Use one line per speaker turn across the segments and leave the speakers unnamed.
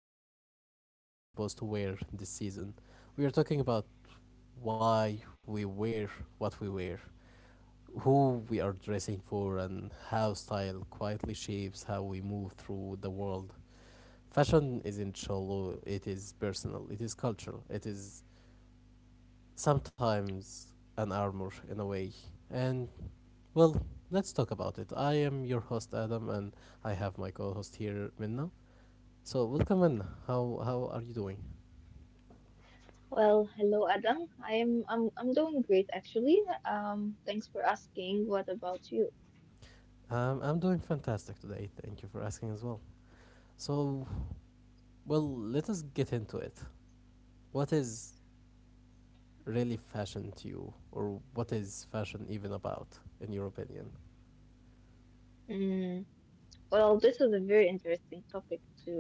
not what you're supposed to wear this season. We are talking about why we wear what we wear, who we are dressing for, and how style quietly shapes how we move through the world. Fashion isn't shallow, it is personal, it is cultural, it is sometimes an armor in a way. And well, let's talk about it. I am your host Adam, and I have my co-host here, Minna. So welcome, Minna. How are you doing?
Well, hello Adam. I'm doing great actually. Thanks for asking. What about you?
I'm doing fantastic today. Thank you for asking as well. So, well, let us get into it. What is really fashion to you, or what is fashion even about, in your opinion?
Mm, well, this is a very interesting topic to,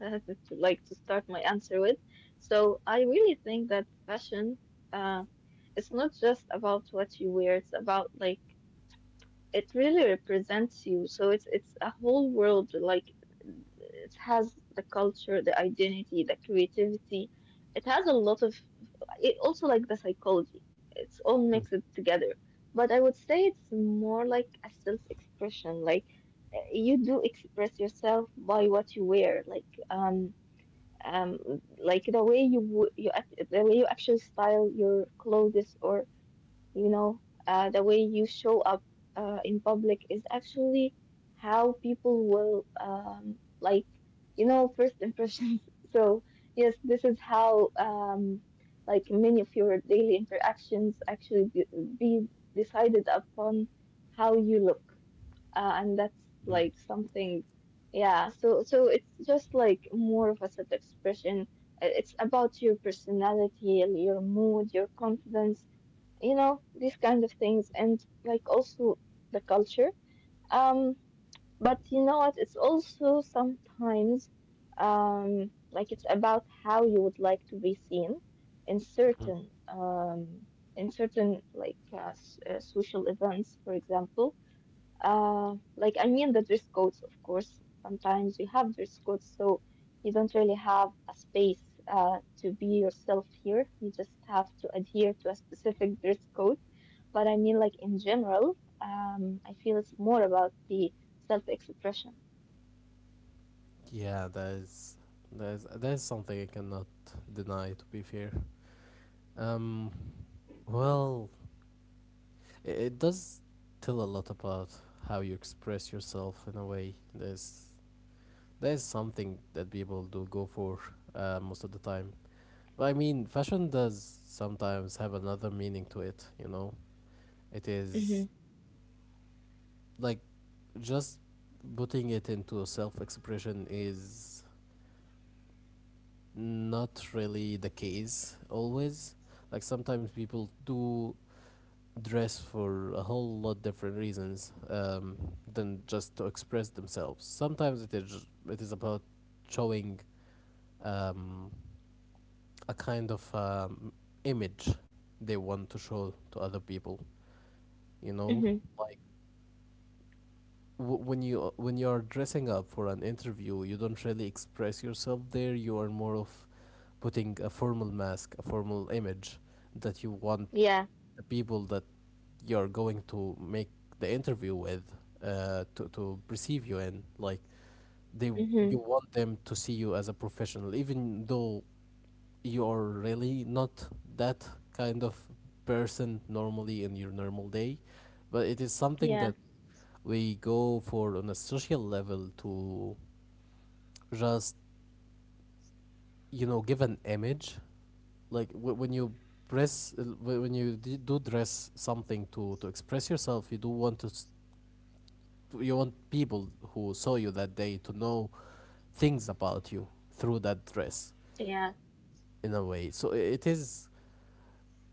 to like to start my answer with. So I really think that fashion, uh, it's not just about what you wear. It's about like it really represents you. So it's a whole world. Like it has the culture, the identity, the creativity. It has a lot of it also like the psychology it's all
Hmm.
mixed together but I would say it's more like a self-expression like you do express yourself by what you wear like the way you you act, the way you actually style your clothes or you know the way you show up in public is actually how people will, first impressions. So yes, this is how like many of your daily interactions actually be decided upon how you look, and that's
Mhm.
like something. Yeah, so it's just like more of a self-expression. It's about your personality, your mood, your confidence, you know, these kind of things, and like also the culture. Um, but you know what? It's also sometimes like it's about how you would like to be seen in
Mhm.
certain like social events, for example. Like I mean the dress codes, of course. Sometimes you have dress codes, so you don't really have a space to be yourself here. You just have to adhere to a specific dress code. But I mean, like in general, I feel it's more about the self-expression.
Yeah, that is that is something I cannot deny. To be fair, um, well, It does tell a lot about how you express yourself in a way. There's something that people do go for most of the time. But I mean, fashion does sometimes have another meaning to it. You know, it is
Mm-hmm.
like just putting it into self-expression is not really the case always. Like sometimes people do dress for a whole lot different reasons than just to express themselves. Sometimes it is about showing um, a kind of image they want to show to other people. You know,
Mm-hmm.
like when you when you are dressing up for an interview, you don't really express yourself there. You are more of putting a formal mask, a formal image that you want
Yeah.
the people that you're going to make the interview with to perceive you in like they
Mm-hmm.
you want them to see you as a professional, even though you're really not that kind of person normally in your normal day. But it is something that
Yeah.
we go for on a social level to just, you know, give an image. Like when you press when you do dress something to express yourself, you do want to you want people who saw you that day to know things about you through that dress
Yeah.
in a way. So it is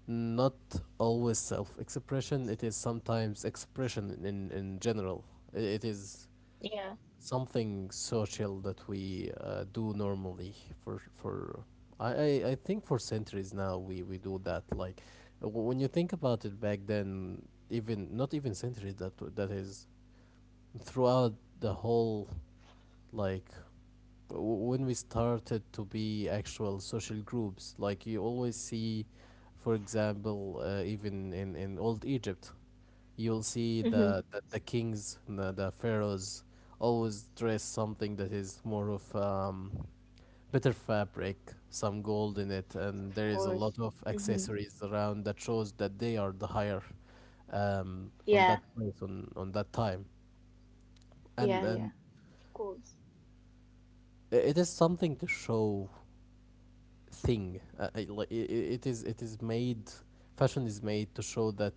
not always self expression, it is sometimes expression in general. It is
Yeah.
something social that we do normally for for. I think for centuries now we do that. Like when you think about it back then, even not even centuries, that that is throughout the whole, like, when we started to be actual social groups, like you always see, for example, even in old Egypt, you'll see
Mm-hmm.
the the kings, the pharaohs always dress something that is more of better fabric, some gold in it,
Of
and there is a
course.
lot of
Mm-hmm.
accessories around that shows that they are the higher on that
Yeah.
place, on that time. and
Yeah.
and
Yeah. Of course.
it is something to show thing, it, like, it is made, fashion is made to show that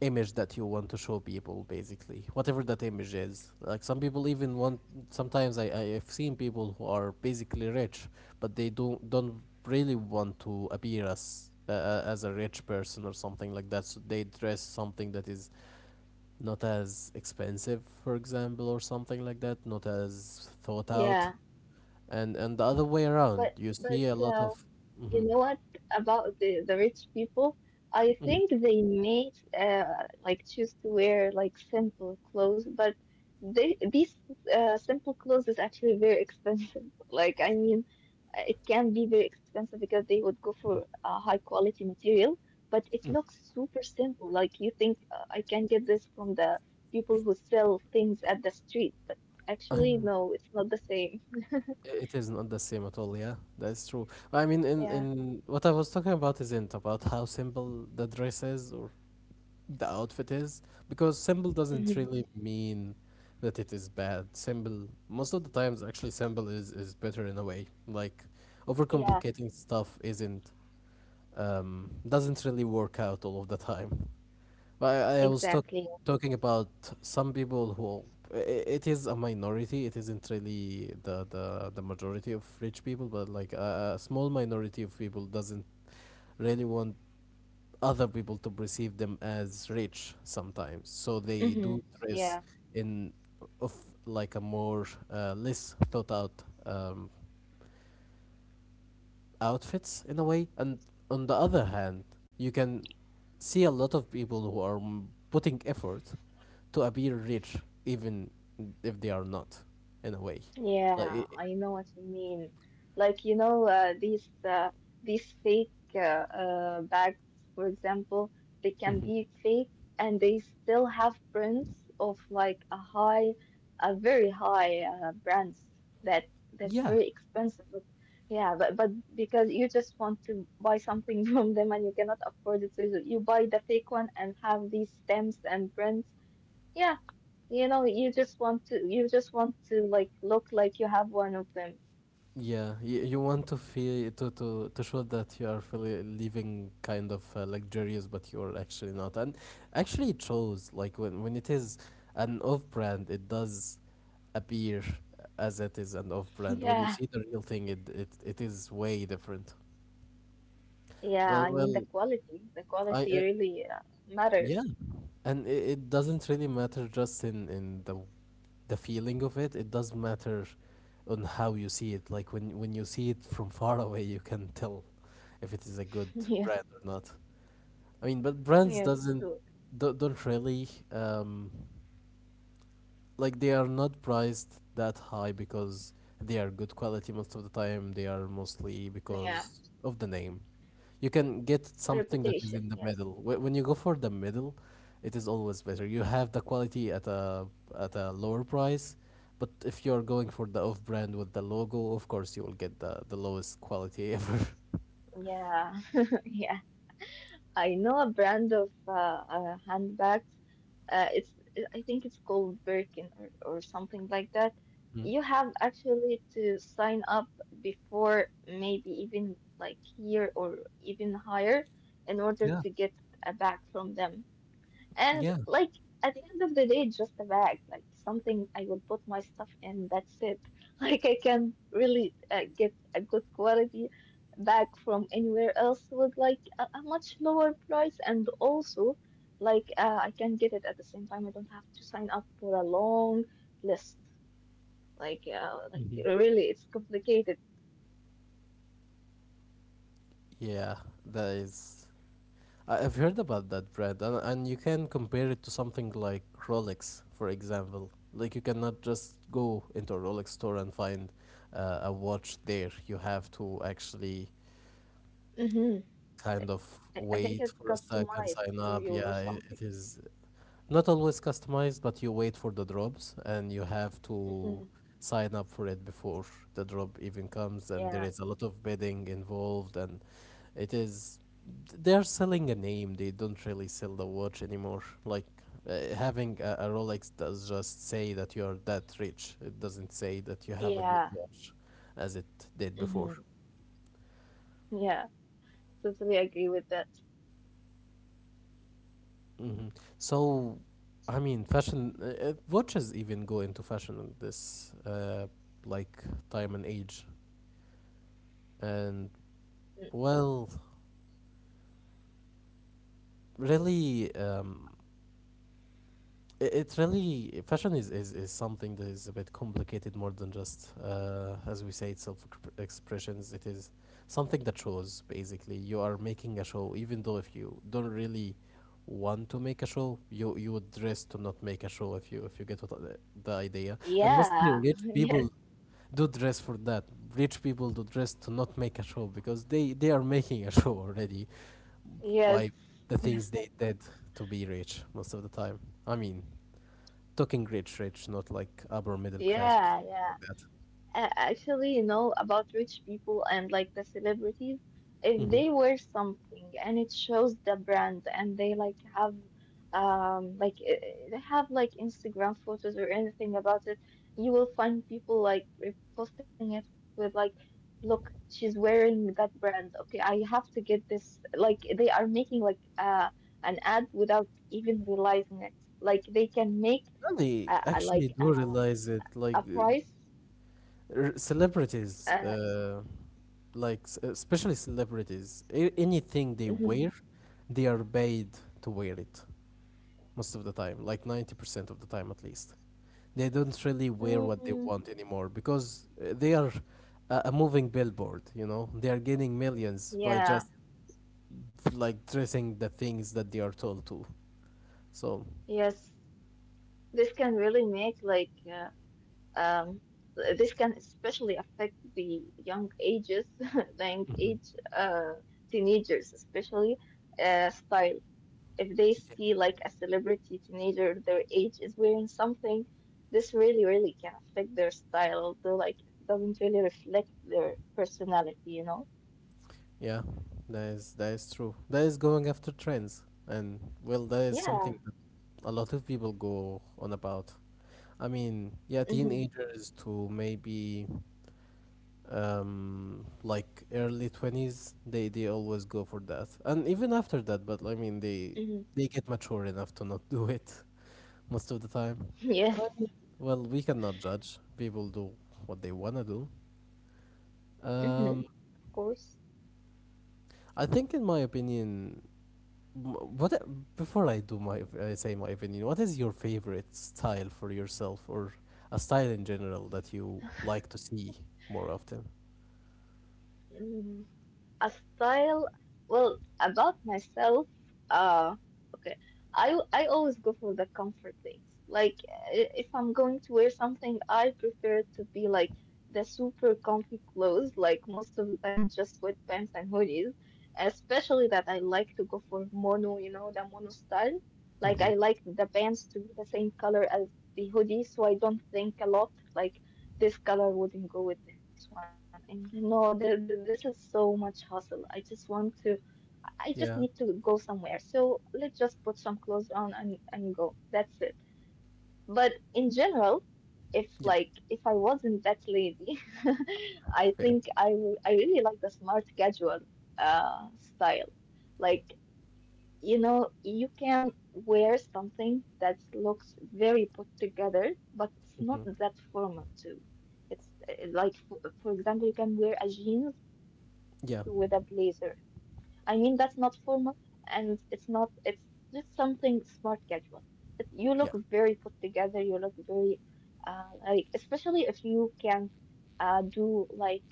image that you want to show people basically, whatever that image is. Like some people even want, sometimes I've seen people who are basically rich, but they don't really want to appear as a rich person or something like that, so they dress something that is not as expensive, for example, or something like that, not as thought out.
Yeah.
And the other way around,
But
you
but.
see a lot
uh,
of.
You
Mhm.
know what about the rich people? I think they may like choose to wear like simple clothes, but they these simple clothes is actually very expensive. Like I mean, it can be very expensive because they would go for a high quality material, but it looks super simple. Like you think I can get this from the people who sell things at the street, but actually no, it's not the same.
It is not the same at all, yeah. That's true. I mean,
Yeah.
in what I was talking about isn't about how simple the dress is or the outfit is, because simple doesn't
Mhm.
really mean that it is bad. Simple, most of the times, actually, simple is better in a way. Like,
Yeah,
overcomplicating stuff isn't, doesn't really work out all of the time. I, I was talk,
exactly.
talking about some people who it is a minority. It isn't really the the majority of rich people, but like a small minority of people doesn't really want other people to perceive them as rich sometimes. So they
Mm-hmm.
do dress
Yeah,
in of like a more less thought out outfits in a way. And on the other hand, you can see a lot of people who are putting effort to appear rich even if they are not in a way. like i-
yeah, I know what you mean. Like, you know, these fake bags, for example, they can
Mhm.
be fake and they still have brands of like a very high brands that's
Yeah.
very expensive. But, yeah, but because you just want to buy something from them and you cannot afford it, so you buy the fake one and have these stamps and brands. Yeah. You know, you just want to like look like you have one of them.
Yeah, you want to feel to show that you are really living kind of luxurious, but you are actually not. And actually, it shows, like when it is an off-brand, it does appear as it is an off-brand. When
Yeah.
you see the real thing, it it is way different.
Yeah,
Well,
I mean the
well,
quality. The quality
I
really
yeah,
matters.
and it doesn't really matter just in the feeling of it. It does matter on how you see it. Like when you see it from far away, you can tell if it is a good
Yes.
brand or not. I mean, but brands
Yes,
doesn't
sure.
don't really like they are not priced that high because they are good quality most of the time. They are mostly
Yeah.
because of the name. You can get something that is in
Reputation,
the
yes.
middle. When you go for the middle, it is always better. You have the quality at a lower price, but if you are going for the off-brand with the logo, of course you will get the lowest quality ever.
Yeah. Yeah. I know a brand of handbags, it's I think it's called Birkin or something like that.
Mm.
You have actually to sign up before maybe even like year or even higher in order to get a bag from them. And
Yeah.
like at the end of the day, just a bag, like something I will put my stuff in. That's it. Like I can really get a good quality bag from anywhere else with like a much lower price, and also like I can get it at the same time. I don't have to sign up for a long list. Like
Mhm.
really, it's complicated.
Yeah, that is I- I've heard about that brand, and you can compare it to something like Rolex, for example. Like, you cannot just go into a Rolex store and find a watch there. You have to actually
Hmm.
kind of
I think
wait
it's
for a second,
customized
sign up.
for you
Yeah,
or
it
something.
is not always customized, but you wait for the drops, and you have to
Hmm.
sign up for it before the drop even comes. And there
Yeah.
is a lot of bidding involved, and it is. They're selling a name. They don't really sell the watch anymore. Like having a Rolex does just say that you're that rich. It doesn't say that you have a good
Yeah.
watch, as it did before.
Hmm. Yeah. Totally agree with that.
Hmm. So, I mean, fashion watches even go into fashion in this like time and age. And
Mm,
well, really, it, it really fashion is something that is a bit complicated, more than just as we say it's self expressions. It is something that shows basically you are making a show, even though if you don't really want to make a show, you would dress to not make a show, if you get what the idea. And mostly
yeah.
rich
Yes.
people do dress for that. Rich people do dress to not make a show because they are making a show already
Yes.
by the things
Yes.
they did to be rich most of the time. I mean, talking rich, rich, not like upper middle class or
Yeah.
something
Yeah.
like that.
Actually you know about rich people and like the celebrities, if
Hmm.
they wear something and it shows the brand and they like have um like uh, they have like Instagram photos or anything about it, you will find people like reposting it with like, look, she's wearing that brand, okay I have to get this, like they are making like an ad without even realizing it, like they can make
And they
uh, uh,
actually
like
do
uh,
realize it, like
a price.
celebrities,
uh,
like especially celebrities, anything they
mhm.
wear, they are paid to wear it most of the time, like 90% of the time at least. They don't really wear what they
Mm,
want anymore because they are a moving billboard. You know, they are getting millions by
yeah,
just like dressing the things that they are told to. So
yes. This can really make like um this can especially affect the young ages, the young
Mhm.
age teenagers especially style. If they see like a celebrity teenager their age is wearing something, this really really can affect their style, though like it doesn't really reflect their personality, you know?
Yeah, that is true. That is going after trends, and well, that is something
Yeah.
that a lot of people go on about. I mean, yeah,
Mm-hmm.
teenagers to maybe like early 20s, they always go for that. And even after that, but I mean
Mm-hmm.
they get mature enough to not do it most of the time.
Yes.
I mean, well, we cannot judge. People do what they want to do.
Mm-hmm.
Um,
Of course.
I think in my opinion M- What e, before I do my I say my opinion, what is your favorite style for yourself or a style in general that you like to see more often?
Mhm. A style, well about myself, uh okay I always go for the comfort things. Like, if I'm going to wear something I prefer to be like the super comfy clothes, like most of the time just sweatpants and hoodies, especially that I like to go for mono, you know, the mono style. Like I
Hmm.
like the pants to be the same color as the hoodie, so I don't think a lot like this color wouldn't go with this one. And no, this is so much hassle. I just want to, I just
Yeah,
need to go somewhere. So let's just put some clothes on and go. That's it. But in general, if
yeah,
like if I wasn't that lazy, I
fair.
think I really like the smart casual style. Like, you know, you can wear something that looks very put together, but it's not
Hmm.
that formal too. It's like, for example, you can wear a jeans with a blazer.
Yeah,
I mean, that's not formal and it's not, it's just something smart casual. It, you look very
yeah,
put together, you look very, like, especially if you can uh, do like, um,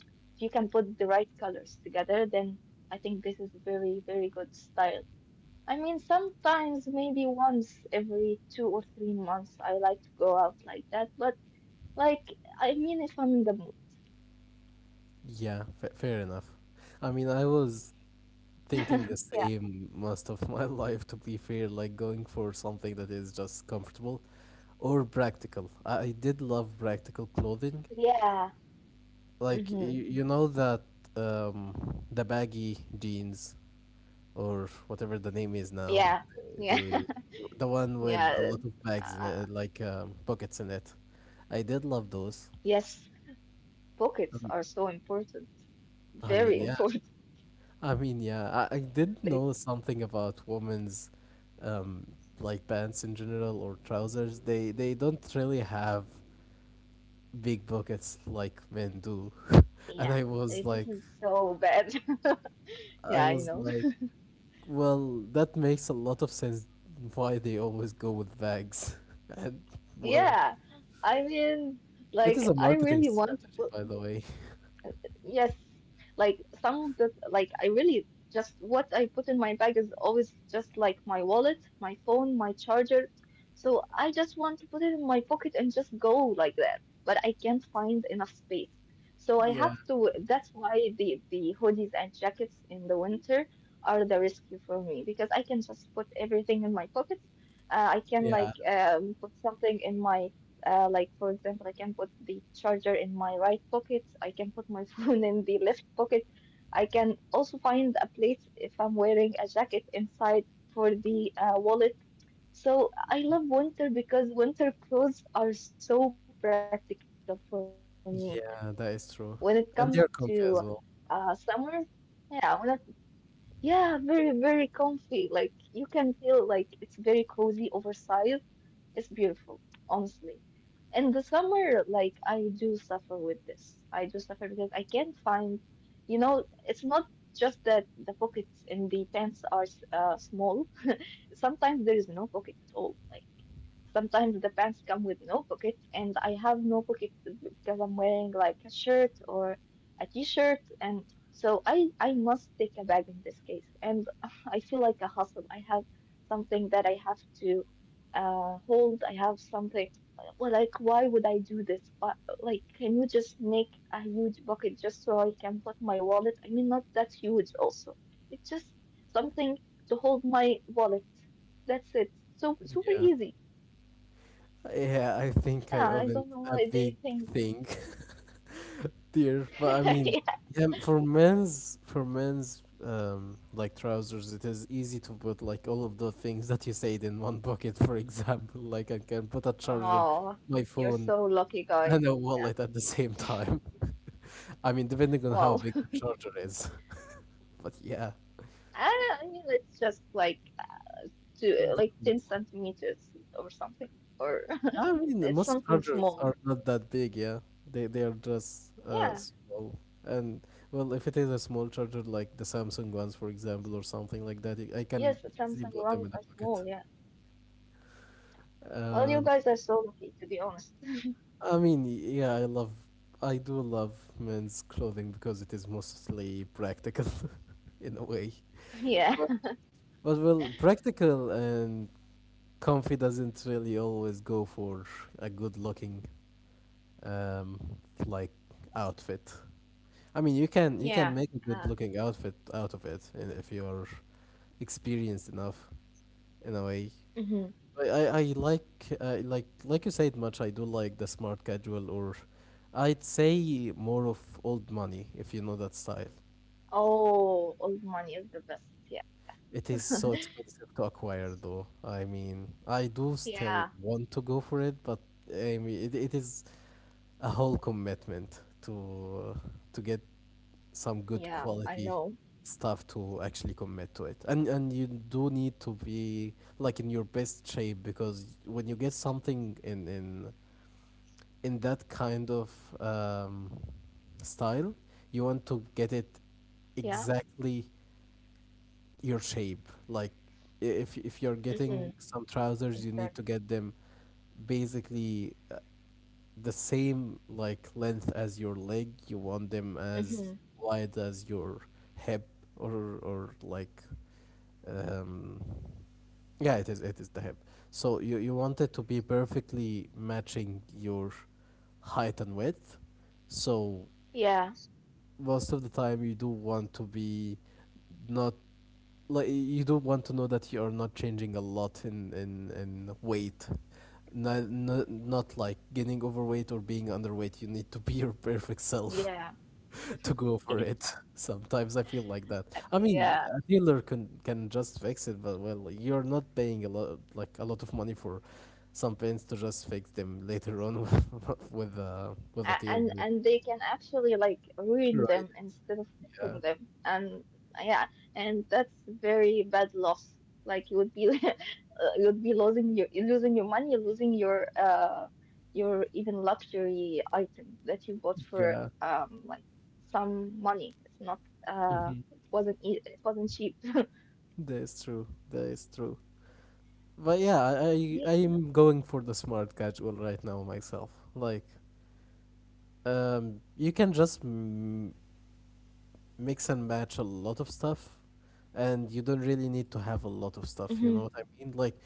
if you can put the right colors together, then I think this is very, very good style. I mean, sometimes maybe once every 2 or 3 months, I like to go out like that, but like, I mean, if I'm in the mood.
yeah, fa fair enough. I mean, I was thinking the
Yeah.
same most of my life, to be fair, like going for something that is just comfortable or practical. I did love practical clothing,
Yeah.
like
Mm-hmm.
you know that um the baggy jeans or whatever the name is now
Yeah. Yeah.
the the one with a
Yeah,
lot of bags in it
uh,
like pockets in it. I did love those.
yes, pockets
Um,
are so important.
I mean
Very
yeah
important.
I mean yeah I did know
Like,
something about women's, um like pants in general or trousers, they don't really have big pockets like men do. And
yeah,
i was
like, this
like
is so bad.
i
Yeah, I
was
know.
like well, that makes a lot of sense why they always go with bags. And well,
Yeah, I mean,
it is
like,
a
I
marketing
really want to.
strategy, by the way.
Yes, like some of the I really just what I put in my bag is always just like my wallet, my phone, my charger. So I just want to put it in my pocket and just go like that. But I can't find enough space. So I
Yeah,
have to, that's why the hoodies and jackets in the winter are the rescue for me because I can just put everything in my pockets. I can
yeah,
like put something in my like for example, I can put the charger in my right pocket. I can put my phone in the left pocket. I can also find a place if I'm wearing a jacket inside for the wallet. So I love winter because winter clothes are so practical for me. When it comes
yeah, that
to
is true. And they're
summer,
comfy as well.
yeah, yeah, very very comfy. Like you can feel like it's very cozy, oversized, it's beautiful, honestly. In the summer, like I do suffer with this. I do suffer because I can't find, you know, it's not just that the pockets in the tents are small. Sometimes there is no pocket at all. Like. Sometimes the pants come with no pockets, and I have no pockets because I'm wearing like a shirt or a t-shirt, and so I must take a bag in this case, and I feel like a hustle. I have something that I have to hold. I have something. Well, like why would I do this? Why, like, can you just make a huge bucket just so I can put my wallet? I mean, not that huge also. It's just something to hold my wallet. That's it. So super
Yeah.
easy.
Yeah, I think I
Yeah, I
opened
don't know
a
why they
big
think.
thing there. But I mean,
Yeah.
yeah, for men's like trousers, it is easy to put like all of the things that you said in one pocket, for example. Like I can put a charger,
Oh,
my
you're
phone,
so lucky, guys.
and a
Yeah.
wallet at the same time. I mean, depending on how
Well,
big the charger is. But yeah,
I, I mean, it's just like 2, like 10 centimeters or something, or
I mean,
it's
most
something
chargers
small.
are not that big. Yeah, they are just
Yeah.
small. And well, if it is a small charger like the Samsung ones, for example, or something like that, I can
Yes, the
easily
Samsung
put them
ones
in the
are
pocket.
small. Yeah. Well, you
And
guys are so lucky, to be honest.
I mean, yeah, I do love men's clothing because it is mostly practical, in a way.
Yeah.
But, but well, practical and comfy doesn't really always go for a good looking um like outfit. I mean, you can you
Yeah.
can make a
Uh.
good looking outfit out of it and if you're experienced enough, in a way.
Mhm.
I like, like you said much, I do like the smart casual, or I'd say more of old money, if you know that style.
Oh, old money is the best. Yes.
It is so expensive to acquire though. I mean, I do
Yeah.
still want to go for it, but I mean it is a whole commitment to get
Yeah. I know.
some good quality stuff to actually commit to it, and you do need to be like in your best shape, because when you get something in that kind of um, style, you want to get it
Yeah.
exactly your shape. Like if you're
Mm-hmm.
getting some
Exactly.
trousers, you need to get them basically the same like length as your leg. You want them
Mm-hmm.
as wide as your hip, or like, um yeah, it is the hip. So you want it to be perfectly matching your height and width. So
Yeah.
most of the time you do want to be, not, like, you do want to know that you are not changing a lot in weight. Not, not like getting overweight or being underweight. You need to be your perfect self
Yeah.
to go for it. Sometimes I feel like that. I mean,
Yeah,
a dealer can just fix it, but well, you're not paying a lot like a lot of money for some pins to just fix them later on with a dealer.
and they can actually like ruin
Right?
them instead of
Yeah.
fixing them. And yeah, and that's very bad loss. Like you would be you would be losing your money, losing your even luxury item that you bought for
Yeah.
like some money. It's not
Hmm.
it wasn't cheap.
That is true. That is true. But yeah, I am
Yeah.
going for the smart casual right now myself. Like, you can just mix and match a lot of stuff, and you don't really need to have a lot of
Hmm.
stuff, you know what I mean? Like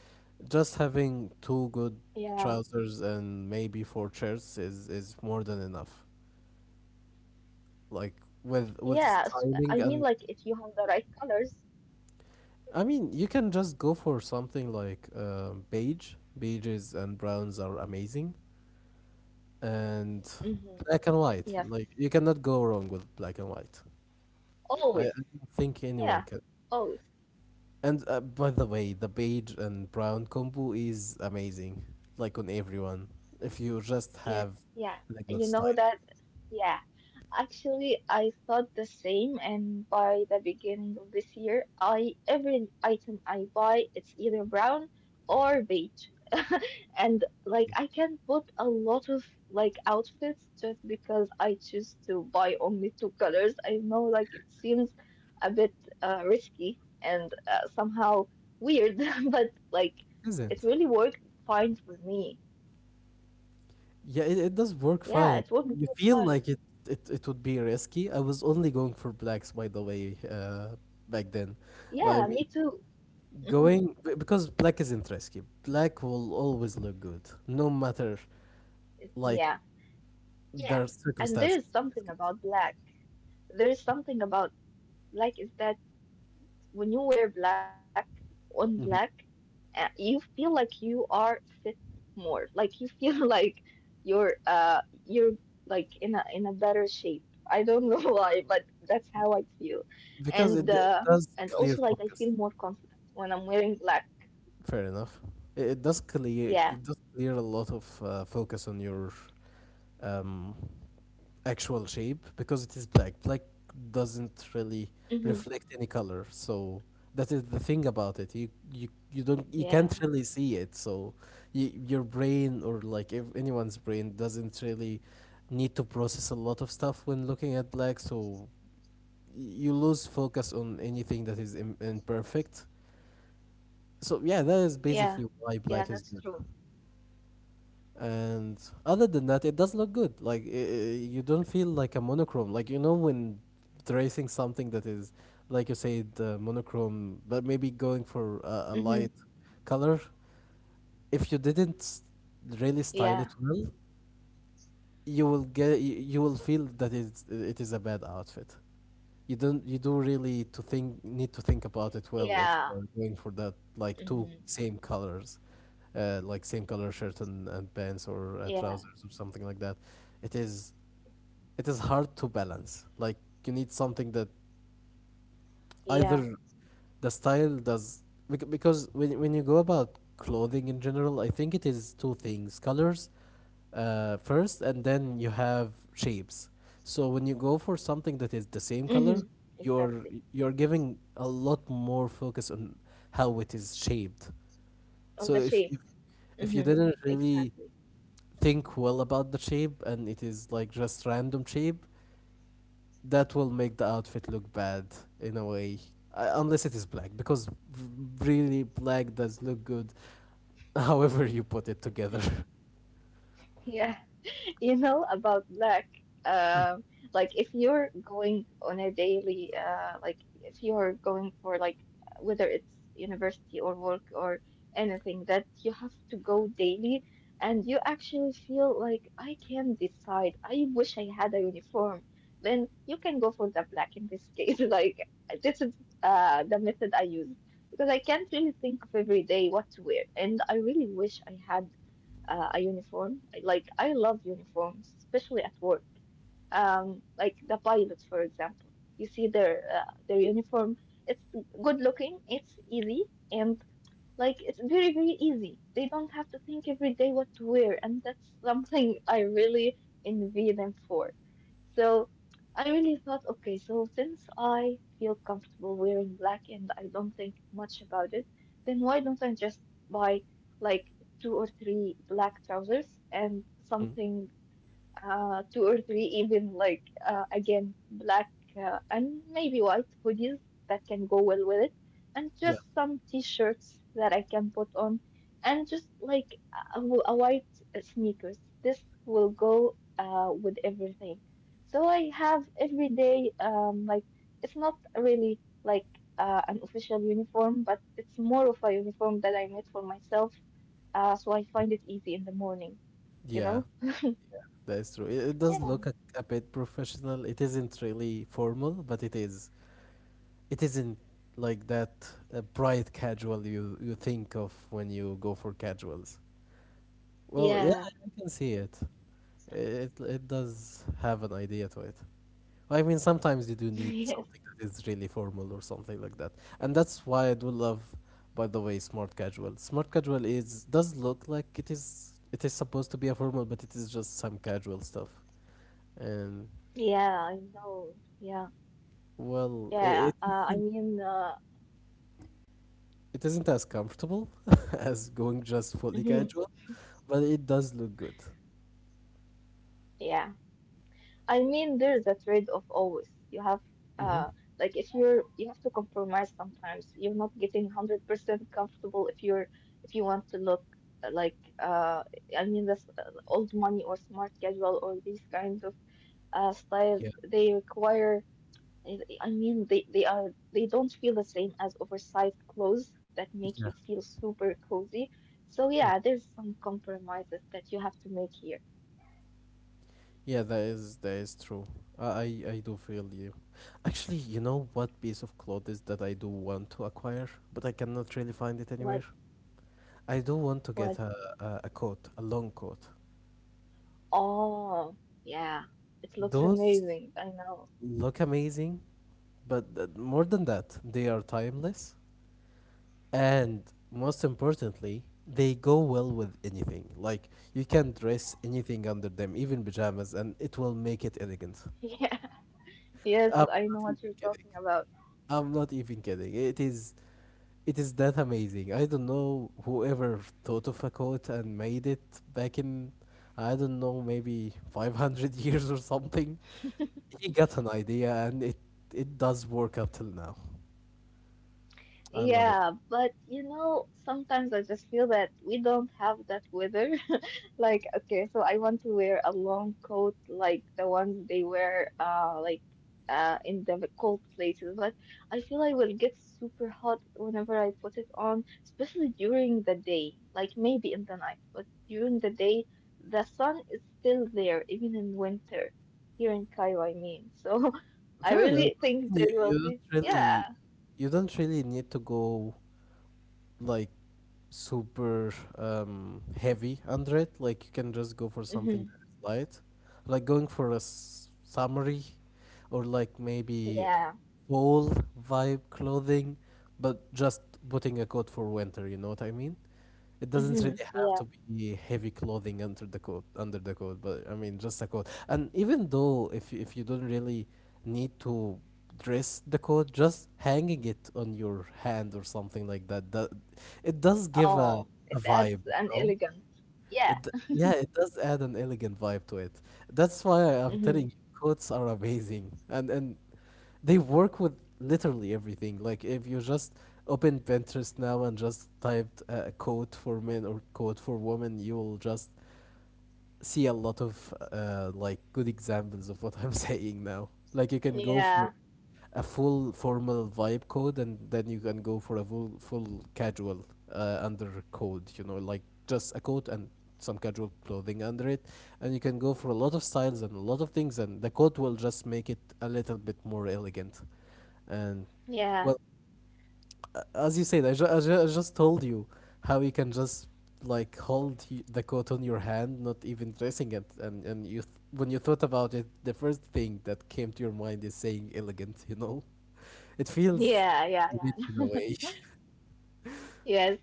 just having two good
Yeah.
trousers and maybe four shirts is more than enough, like with
Yeah,
styling.
I mean
And
like if you have the right colors.
I mean you can just go for something like beige. Beiges and browns are amazing, and
hmm
black and
Yes.
white. Like you cannot go wrong with black and white.
Always.
I don't think
Yeah.
anyone can.
Always.
And by the way, the beige and brown combo is amazing, like on everyone. If you just
Yeah.
have
Yeah.
the good
You know
styling,
that. Yeah. Actually, I thought the same, and by the beginning of this year, I every item I buy, it's either brown or beige. And like I can put a lot of like outfits just because I choose to buy only two colors. I know like it seems a bit risky and somehow weird, but like it
isn't?
really worked fine for me.
Yeah, it does work
Yeah, it
fine.
worked really
You feel
fine.
like it it would be risky. I was only going for blacks, by the way, back then.
Yeah,
But I
me
mean,
too. Mhm.
going because black isn't risky. Black will always look good, no matter like
Yeah. Yeah,
their
and there
circumstances.
is
It is
something
good.
about black. There is something about black is that when you wear black on black,
Mhm.
you feel like you are fit more. Like you feel like you're like in a better shape. I don't know why, but that's how I feel.
Because
And
it
uh,
does
and
clear
also like I
focus.
feel more confident when I'm wearing black.
Fair enough. It does clear, it does
Yeah.
clear a lot of focus on your, um, actual shape, because it is black. Black doesn't really
hmm
reflect any color, so that is the thing about it. You don't, you can't really
Yeah.
see it, so your brain, or like anyone's brain doesn't really need to process a lot of stuff when looking at black. So you lose focus on anything that is imperfect. So yeah, that is basically why black is good.
Yeah. Yeah, that's true.
And other than that, it does look good. Like you don't feel like a monochrome. Like you know when tracing something that is, like you said, monochrome, but maybe going for a light color.
Hmm
If you didn't really style it
Yeah.
well, you will feel that it is a bad outfit. You don't, you do really to think need to think about it well. If
Yeah.
you're going for that like two
hmm
same colors, like same color shirt and pants or
Yeah.
trousers or something like that, it is it is hard to balance. Like you need something that
Yeah.
either, the style does, because when you go about clothing in general, I think it is two things: colors, first, and then you have shapes. So when you go for something that is the same color,
Mm-hmm.
you're
Exactly.
you're giving a lot more focus on how it is shaped.
On
So
the shape.
if you
Mm-hmm.
didn't really
Exactly.
think well about the shape, and it is like just random shape, that will make the outfit look bad in a way. Unless it is black, because really black does look good however you put it together.
Yeah. You know about black. Um, like if you're going on a daily, like if you're going for like whether it's university or work or anything that you have to go daily, and you actually feel like I can't decide. I wish I had a uniform. Then you can go for the black in this case. Like this is the method I use because I can't really think of every day what to wear, and I really wish I had a uniform. Like I love uniforms, especially at work. Like the pilots, for example. You see their uniform. It's good looking. It's easy, and like it's very, very easy. They don't have to think every day what to wear, and that's something I really envy them for. So I really thought, okay, so since I feel comfortable wearing black and I don't think much about it, then why don't I just buy like two or three black trousers and
Mhm.
something two or three, even like again black and maybe white hoodies that can go well with it, and
Yeah,
just some t-shirts that I can put on, and just like a white sneakers. This will go with everything. So I have every day like it's not really like an official uniform, but it's more of a uniform that I made for myself. So I find it easy in the morning, you
yeah,
know?
that is true. It does
Yeah.
look a bit professional. It isn't really formal, but it is, it isn't like that bright casual you you think of when you go for casuals. Well yeah, I
Yeah.
can see it.
Stuff.
It does have an idea to it. I mean, sometimes you do need
Yes.
something that is really formal or something like that. And that's why I do love, by the way, smart casual. Smart casual is does look like it is, it is supposed to be a formal, but it is just some casual stuff. And
Yeah, I know. Yeah.
well,
Yeah. I
isn't,
mean,
it isn't as comfortable as going just fully
mhm.
casual, but it does look good.
Yeah. I mean, there's a trade-off always. You have, uh,
Mm-hmm.
like if you're, you have to compromise sometimes. You're not getting 100% comfortable if you want to look like, I mean, this old money or smart casual or these kinds of, styles,
Yeah.
they require I mean, they don't feel the same as oversized clothes that make you feel super cozy. So
Yeah.
yeah, there's some compromises that you have to make here.
Yeah, that is true. I I I do feel you. Actually, you know what piece of clothes that I do want to acquire, but I cannot really find it anywhere.
What
I do want to
what?
get a coat, a long coat.
Oh, yeah, it looks
Those
amazing. I know.
look amazing, but more than that, they are timeless, and most importantly, they go well with anything. Like you can dress anything under them, even pajamas, and it will make it elegant.
Yeah. Yes,
I'm
I
not
know
even
what you're
kidding.
talking about.
I'm not even kidding. It is, it is that amazing. I don't know whoever thought of a quote and made it back in, I don't know, maybe 500 years or something. He got an idea, and it does work up till now. I love it.
Yeah, but you know, sometimes I just feel that we don't have that weather. Like, okay, so I want to wear a long coat like the ones they wear like in the cold places, but I feel I will get super hot whenever I put it on, especially during the day, like maybe in the night, but during the day the sun is still there, even in winter, here in Cairo, I mean. So I
Fair enough.
really
I
think
mean,
they will
you don't
be,
really,
yeah.
you don't really need to go like super, heavy under it. Like you can just go for something
hmm
that is light, like going for a summery or like maybe
Yeah.
fall vibe clothing, but just putting a coat for winter. You know what I mean? It doesn't
Mm-hmm.
really have
Yeah.
to be heavy clothing under the coat, but I mean just a coat. And even though if you don't really need to dress the coat, just hanging it on your hand or something like that, it does give
Oh, it
a
adds
vibe, you
an
know?
elegant. Yeah.
Yeah, it does add an elegant vibe to it. That's why I'm
Mm-hmm.
telling you, quotes are amazing, and they work with literally everything. Like if you just open Pinterest now and just typed a quote for men or quote for women, you will just see a lot of like good examples of what I'm saying now. Like you can go for
Yeah.
a full formal vibe code, and then you can go for a full casual under code, you know, like just a coat and some casual clothing under it, and you can go for a lot of styles and a lot of things, and the coat will just make it a little bit more elegant. And
Yeah.
well, as you said, I just told you how you can just like hold the coat on your hand, not even dressing it, and when you thought about it, the first thing that came to your mind is saying elegant, you know. It feels
Yeah. Yeah.
rich in
Yeah.
a way.
Yes.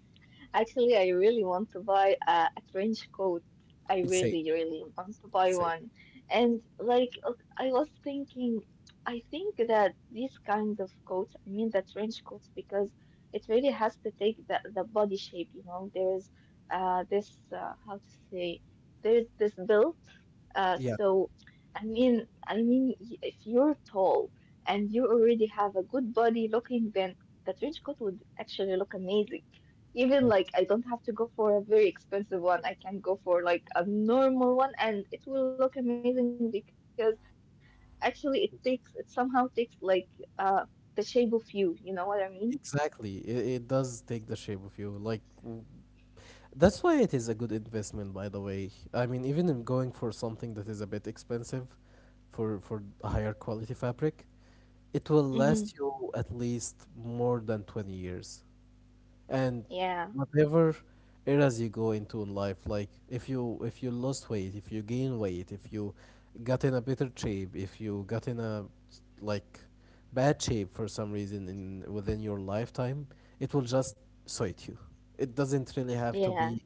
Actually, I really want to buy a trench coat. I
It's safe.
really, really want to buy
It's safe.
one. And like, I was thinking, I think that these kinds of coats, I mean the trench coats, because it really has to take the body shape, you know. There is this how to say, there is this build. Uh,
Yeah,
so, I mean, if you're tall and you already have a good body looking, then the trench coat would actually look amazing. Even like I don't have to go for a very expensive one. I can go for like a normal one, and it will look amazing because actually it somehow takes like uh the shape of you. You know what I mean?
exactly. It does take the shape of you. That's why it is a good investment, by the way. I mean, even in going for something that is a bit expensive, for a higher quality fabric, it will
Mm-hmm.
last you at least more than 20 years. And
Yeah,
whatever eras you go into in life, like if you lost weight, if you gain weight, if you got in a better shape, if you got in like bad shape for some reason in within your lifetime, it will just suit you. It doesn't really have to
yeah.
be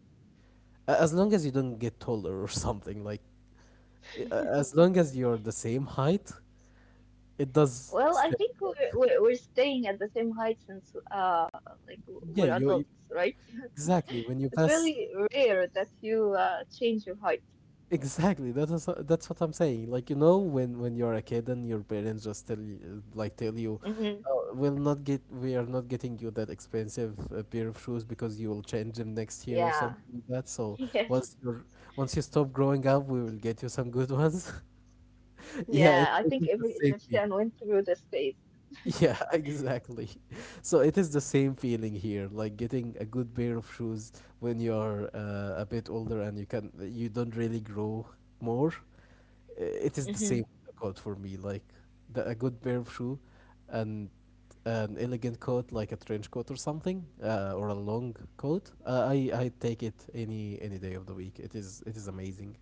as long as you don't get taller or something like as long as you're the same height, it does
Well, I
still
think we're
work.
we're we're staying at the same height since like
yeah
we're
you you-
adults, right?
Exactly, when you
It's
pass.
really rare that you change your height.
Exactly. That's what I'm saying. Like, you know, when you're a kid and your parents just tell you,
Hmm
oh, we are not getting you that expensive pair of shoes because you will change them next year or
Yeah.
something like that. So
Yes.
once you're once you stop growing up, we will get you some good ones. Yeah, it,
Yeah. I
it
think
is the
every
same
Egyptian
feeling.
went through this phase.
Yeah, exactly. So it is the same feeling here, like getting a good pair of shoes when you're a bit older and you don't really grow more. It is the same coat for me, like a good pair of shoe, and an elegant coat like a trench coat or something, or a long coat. I take it any day of the week. It is amazing.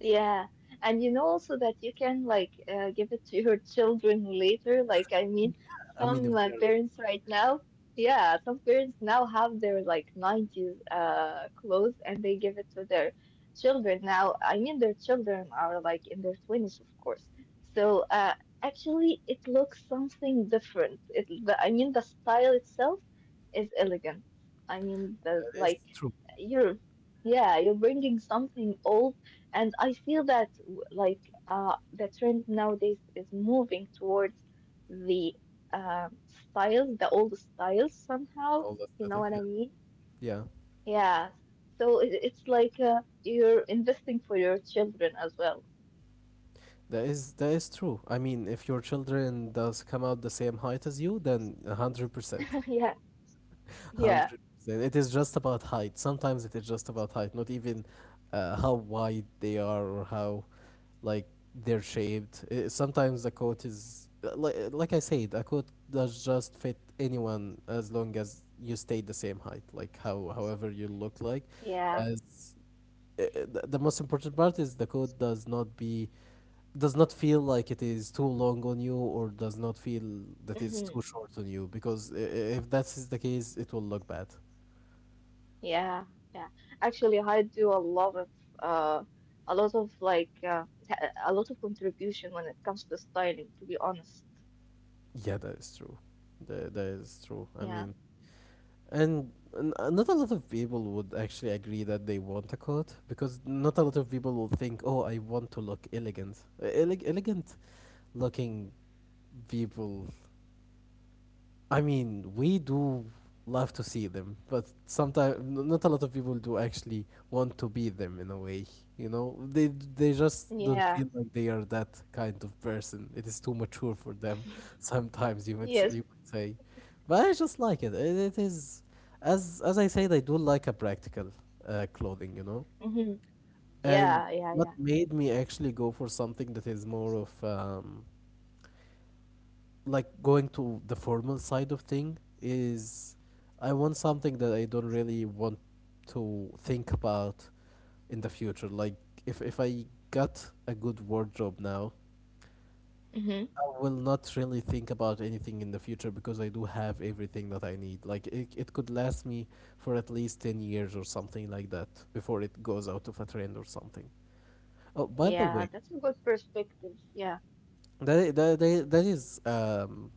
Yeah, and you know also that you can like give it to your children later. Like I mean,
I mean,
some
if they're.
parents right now, yeah, some parents now have their like 90s clothes and they give it to their children now. I mean, their children are like in their 20s, of course. So actually it looks something different. I mean the style itself is elegant. I mean the
That is
like
true.
you're yeah, you're bringing something old, and I feel that like the trend nowadays is moving towards the styles, the old styles somehow.
All the
You know
aesthetic,
what
yeah.
I mean?
Yeah,
Yeah. So it's like you're investing for your children as well.
that is true. I mean, if your children does come out the same height as you, then 100%.
Yeah. Yeah.
100%. It is just about height. Sometimes it is just about height, not even how wide they are or how, like, they're shaped. Sometimes the coat is like I said, a coat does just fit anyone as long as you stay the same height, like how however you look like.
Yeah.
As uh, uh, the most important part is the coat does not feel like it is too long on you, or does not feel that it's
hmm
too short on you, because if that is the case, it will look bad.
Yeah. Yeah. Actually, I do uh, a lot of like uh, a lot of contribution when it comes to styling, to be honest.
Yeah, that is true. That is true.
Yeah.
I mean, and not a lot of people would actually agree that they want a coat, because not a lot of people will think, "Oh, I want to look elegant." Elegant looking people, I mean, we do love to see them, but sometimes not a lot of people do actually want to be them in a way. You know, they just don't
Yeah.
feel like they are that kind of person. It is too mature for them. Sometimes
Yes.
you would say, but I just like it. It is, as I said, I do like a practical clothing. You know,
Mm-hmm.
and
Yeah, yeah,
what
yeah.
made me actually go for something that is more of, like, going to the formal side of thing is, I want something that I don't really want to think about in the future. Like, if I got a good wardrobe now,
Mm-hmm.
I will not really think about anything in the future, because I do have everything that I need. Like, it could last me for at least 10 years or something like that before it goes out of a trend or something. Oh, by the way,
Yeah, that's a good perspective. Yeah.
that is um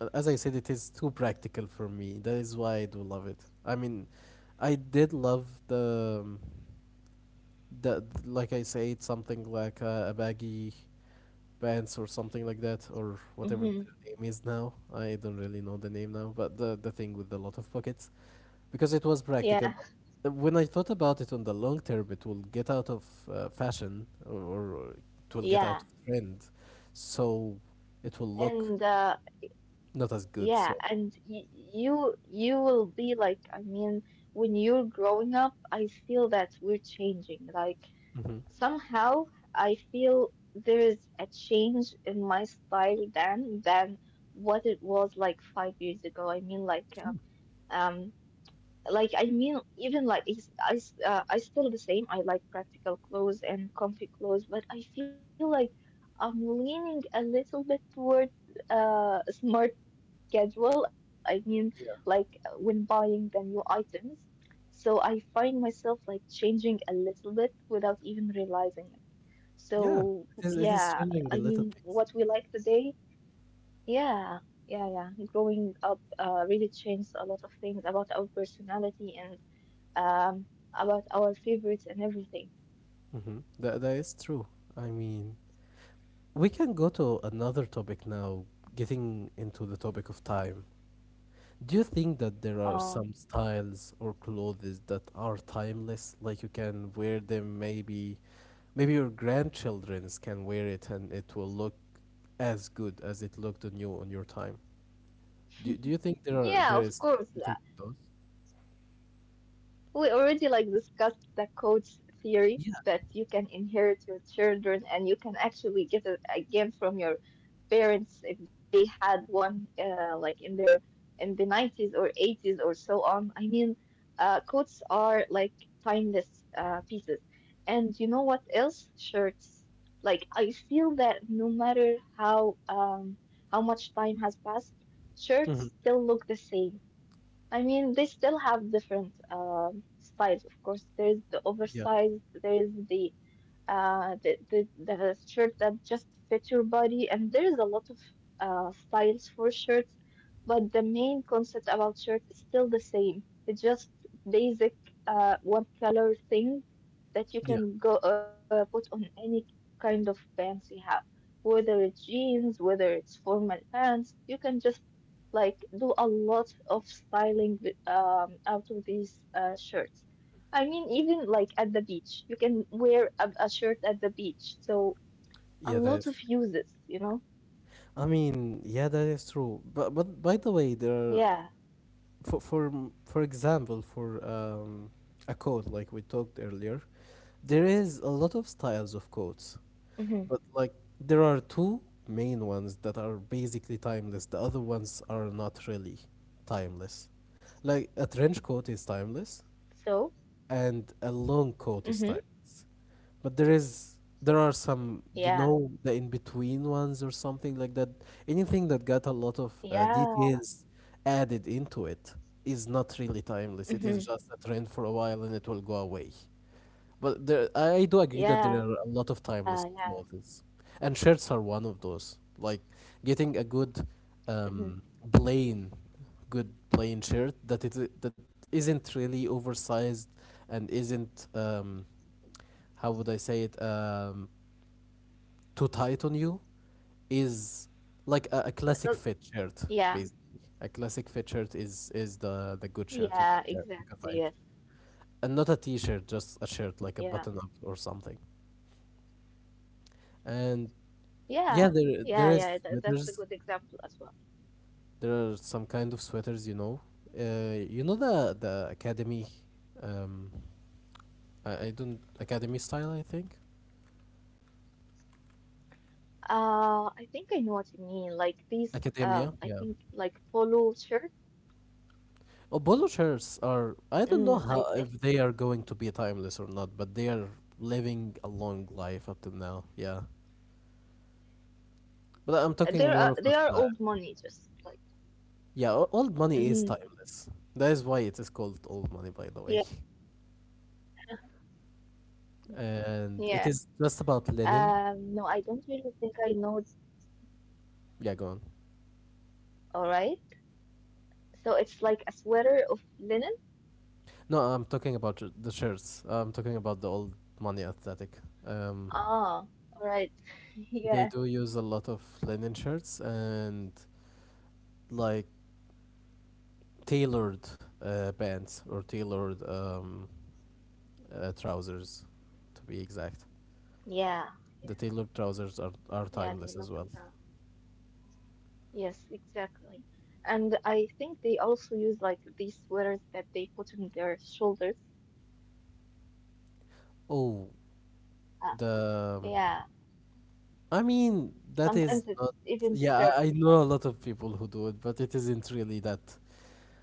uh, as I said, it is too practical for me. That is why I do love it. I mean, I did love the, like I said, something like a baggy pants or something like that, or whatever
Mm-hmm.
the name is now. I don't really know the name now, but the thing with a lot of pockets, because it was practical.
Yeah,
But when I thought about it on the long term, it will get out of fashion, or it will get out
yeah,
of trend, so it will look
and
not as good.
yeah,
So.
and y you you will be like, I mean, when you're growing up, I feel that we're changing. Like
Mhm.
somehow, I feel there is a change in my style then than what it was like 5 years ago. I mean, like,
True.
um like I mean, even like I still the same. I like practical clothes and comfy clothes, but I feel like I'm leaning a little bit toward smart casual. I mean, like
Yeah.
when buying the new items. So I find myself like changing a little bit without even realizing it. So
Yeah. It is
yeah,
changing the
I
little
mean,
things.
what we like today, yeah. Yeah, yeah. Growing up really changed a lot of things about our personality and about our favorites and everything.
That is true. I mean, we can go to another topic now, getting into the topic of time. Do you think that there are
Uh,
some styles or clothes that are timeless? Like, you can wear them, maybe your grandchildren's can wear it and it will look as good as it looked on you on your time. Do you think there are,
yeah,
there
of
is
course.
something to those?
We already like discussed the coach theory
Yeah.
that you can inherit your children and you can actually get it again from your parents if they had one like in their in the 90s or 80s or so on. I mean, coats are like timeless pieces. And you know what else? Shirts. Like I feel that no matter how much time has passed, shirts
Hmm.
still look the same. I mean, they still have different styles, of course. There's the
Yeah.
oversized, there's the shirt that just fits your body. And there's a lot of styles for shirts, but the main concept about shirts is still the same. It's just basic one color thing
Yeah.
that you can go put on any kind of pants you have, whether it's jeans, whether it's formal pants. You can just like do a lot of styling out of these shirts. I mean, even like at the beach, you can wear a shirt at the beach. So a
Yeah, that
lot
is.
of uses, you know?
I mean, yeah, that is true. But
Yeah.
but by the way, there are, for example, for a coat, like we talked earlier, there is a lot of styles of
hmm
coats, but, like, there are two main ones that are basically timeless. The other ones are not really timeless. Like, a trench coat is timeless,
So,
and a long coat is
hmm
timeless. But there is, there are some, you know,
yeah.
the in between ones or something like that. Anything that got a lot of details
Yeah.
added into it is not really timeless. It is just a trend for a
hmm
while and it will go away. But there, I do agree that there are a lot of timeless
Yeah. Yeah.
clothes, and shirts are one of those. Like getting a
hmm
good, um, plain, shirt that it that isn't really oversized, and isn't, how would I say it, too tight on you, is like a classic fit shirt,
yeah.
basically. A classic fit shirt is the good shirt you can
Yeah.
get you can
Exactly.
find,
Yes.
and not a t-shirt, just a shirt like a
Yeah.
button up or something. And. Yeah,
Yeah.
there
Yeah.
is
Yeah. That's a
sweaters.
good example as well.
There are some kind of sweaters, you know. You know, the academy, um, I don't. Academy style. I think
I think I know what you mean. Like these,
academia.
I
Yeah.
think like polo shirt.
Oh, polo shirts are. I don't know
Mm,
how,
I
if
think
they are going to be timeless or not, but they are living a long life up till now. Yeah. But I'm
they
talking more
are
of a
they are
style.
old money, just like.
Yeah, old money is
Hmm
timeless. That is why it is called old money, by the way.
Yeah.
And it is just about
No, I don't
linen.
really think I know.
Yeah, go on.
All right. So it's like a sweater of linen.
No, I'm talking about the shirts. I'm talking about the old money athletic. Um,
Ah, all right. Yeah.
they do use a lot of linen shirts and, like, tailored pants, or tailored, trousers, to be exact.
Yeah. Yeah.
The tailored trousers are
Yeah, they
timeless as
look
well.
uh, yes, exactly. And I think they also use like these sweaters that they put on their shoulders.
Oh,
Uh,
the.
yeah.
I mean, that is
Sometimes it's
not.
even
Yeah, I,
stripped.
I know a lot of people who do it, but it isn't really that.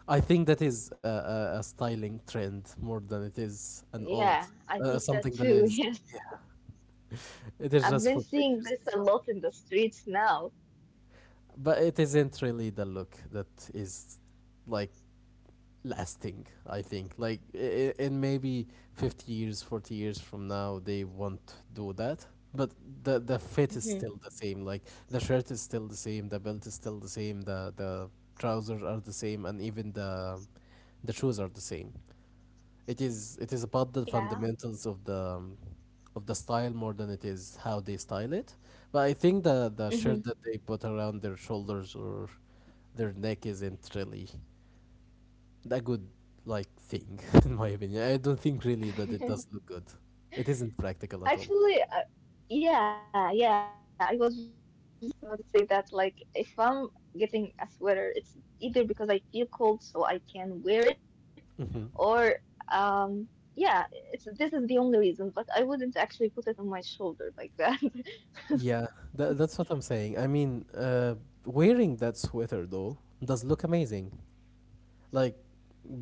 I think that is a styling trend more than it is an old,
Yeah, I think
something
that
that
too.
is,
Yes.
yeah, it is
I've
just
been
for
seeing
pictures
this
and
a
stuff.
lot in the streets now.
But it isn't really the look that is, like, lasting. I think, like, in maybe 50 years, 40 years from now, they won't do that. But the fit is
Hmm
still the same. Like, the shirt is still the same, the belt is still the same, the trousers are the same, and even the shoes are the same. It is, it is about the
Yeah.
fundamentals of the, of the style, more than it is how they style it. But I think the
hmm
shirt that they put around their shoulders or their neck isn't really a good, like, thing, in my opinion. I don't think really that it does look good. It isn't practical at all.
Actually, yeah, yeah, I was just about to say that, like, if I'm getting a sweater, it's either because I feel cold so I can wear it, or, yeah, it's this is the only reason, but I wouldn't actually put it on my shoulder like that.
Yeah, that's what I'm saying. I mean, wearing that sweater though does look amazing. Like,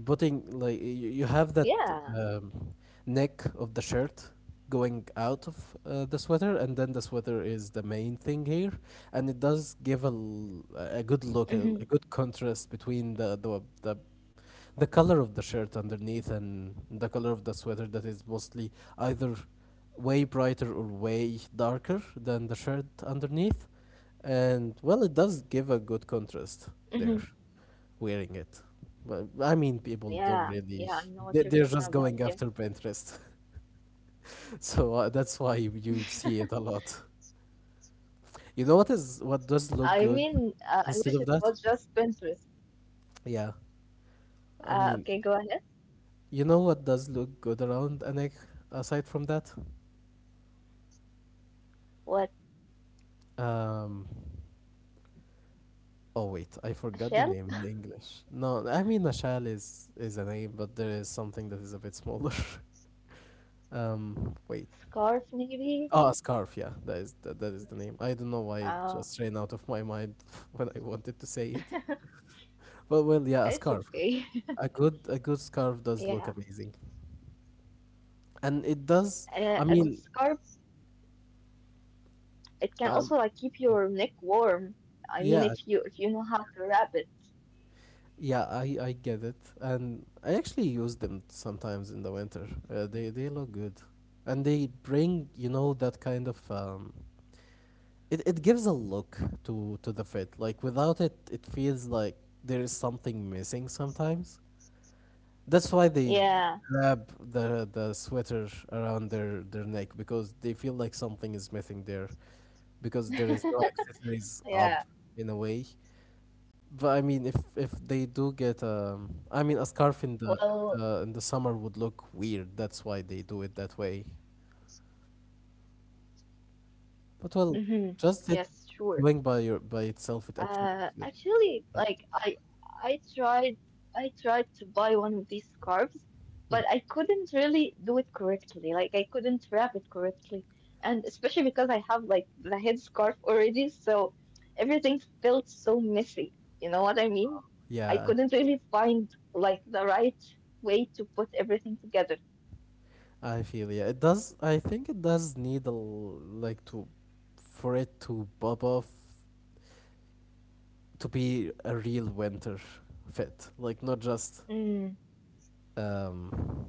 putting, like,
Yeah.
you have that, um, neck of the shirt going out of the sweater, and then the sweater is the main thing here, and it does give a good
hmm
look, a good contrast between the color of the shirt underneath and the color of the sweater that is mostly either way brighter or way darker than the shirt underneath, and, well, it does give a good
hmm
contrast there wearing it. But I mean,
Yeah.
people
Yeah, I
don't
know what
really,
you're talking about.
they're just
Yes.
going after Pinterest. So that's why you see it a lot. You know what is, what does look
I
good
mean, I
instead
wish it
of that?
was just Pinterest.
Yeah. I mean,
Okay, go ahead.
you know what does look good around an egg aside from that?
What?
Um, oh wait, I
A
forgot the
shell?
name in English. No, I mean, a shell is a name, but there is something that is a bit smaller. Wait.
Scarf, maybe?
Ah, scarf. Yeah, that is the name. I don't know why it
Uh,
just ran out of my mind when I wanted to say it. But well, yeah, a
it's
scarf.
okay.
A good scarf does
Yeah,
look amazing, and it does. I
a good
mean,
scarf, it can
um,
also like keep your neck warm. I mean,
yeah,
if you know how to wrap it.
yeah, I get it, and I actually use them sometimes in the winter. They look good, and they bring that kind of it gives a look to the fit. Like without it, it feels like there is something missing sometimes. That's why they
Yeah.
wrap the sweater around their neck because they feel like something is missing there because there is no accessories up
Yeah.
in a way. But I mean, if they
Well,
do get I mean, a scarf in the summer would look weird. That's why they do it that way.
hmm. Yes, sure.
But well, just it
Uh,
going by your
actually,
by
like
itself, it
I,
actually looks good.
I tried, I tried to buy one of these scarves, but I couldn't really do it correctly. Like I couldn't wrap it correctly, and especially because I have like the head scarf already, so everything felt so messy. You know what I mean? I couldn't really
Yeah,
find like the right way to put everything together.
I feel, yeah. It does. I think it does need like to for it to pop off, to be a real winter fit, like not just
Mm,
um,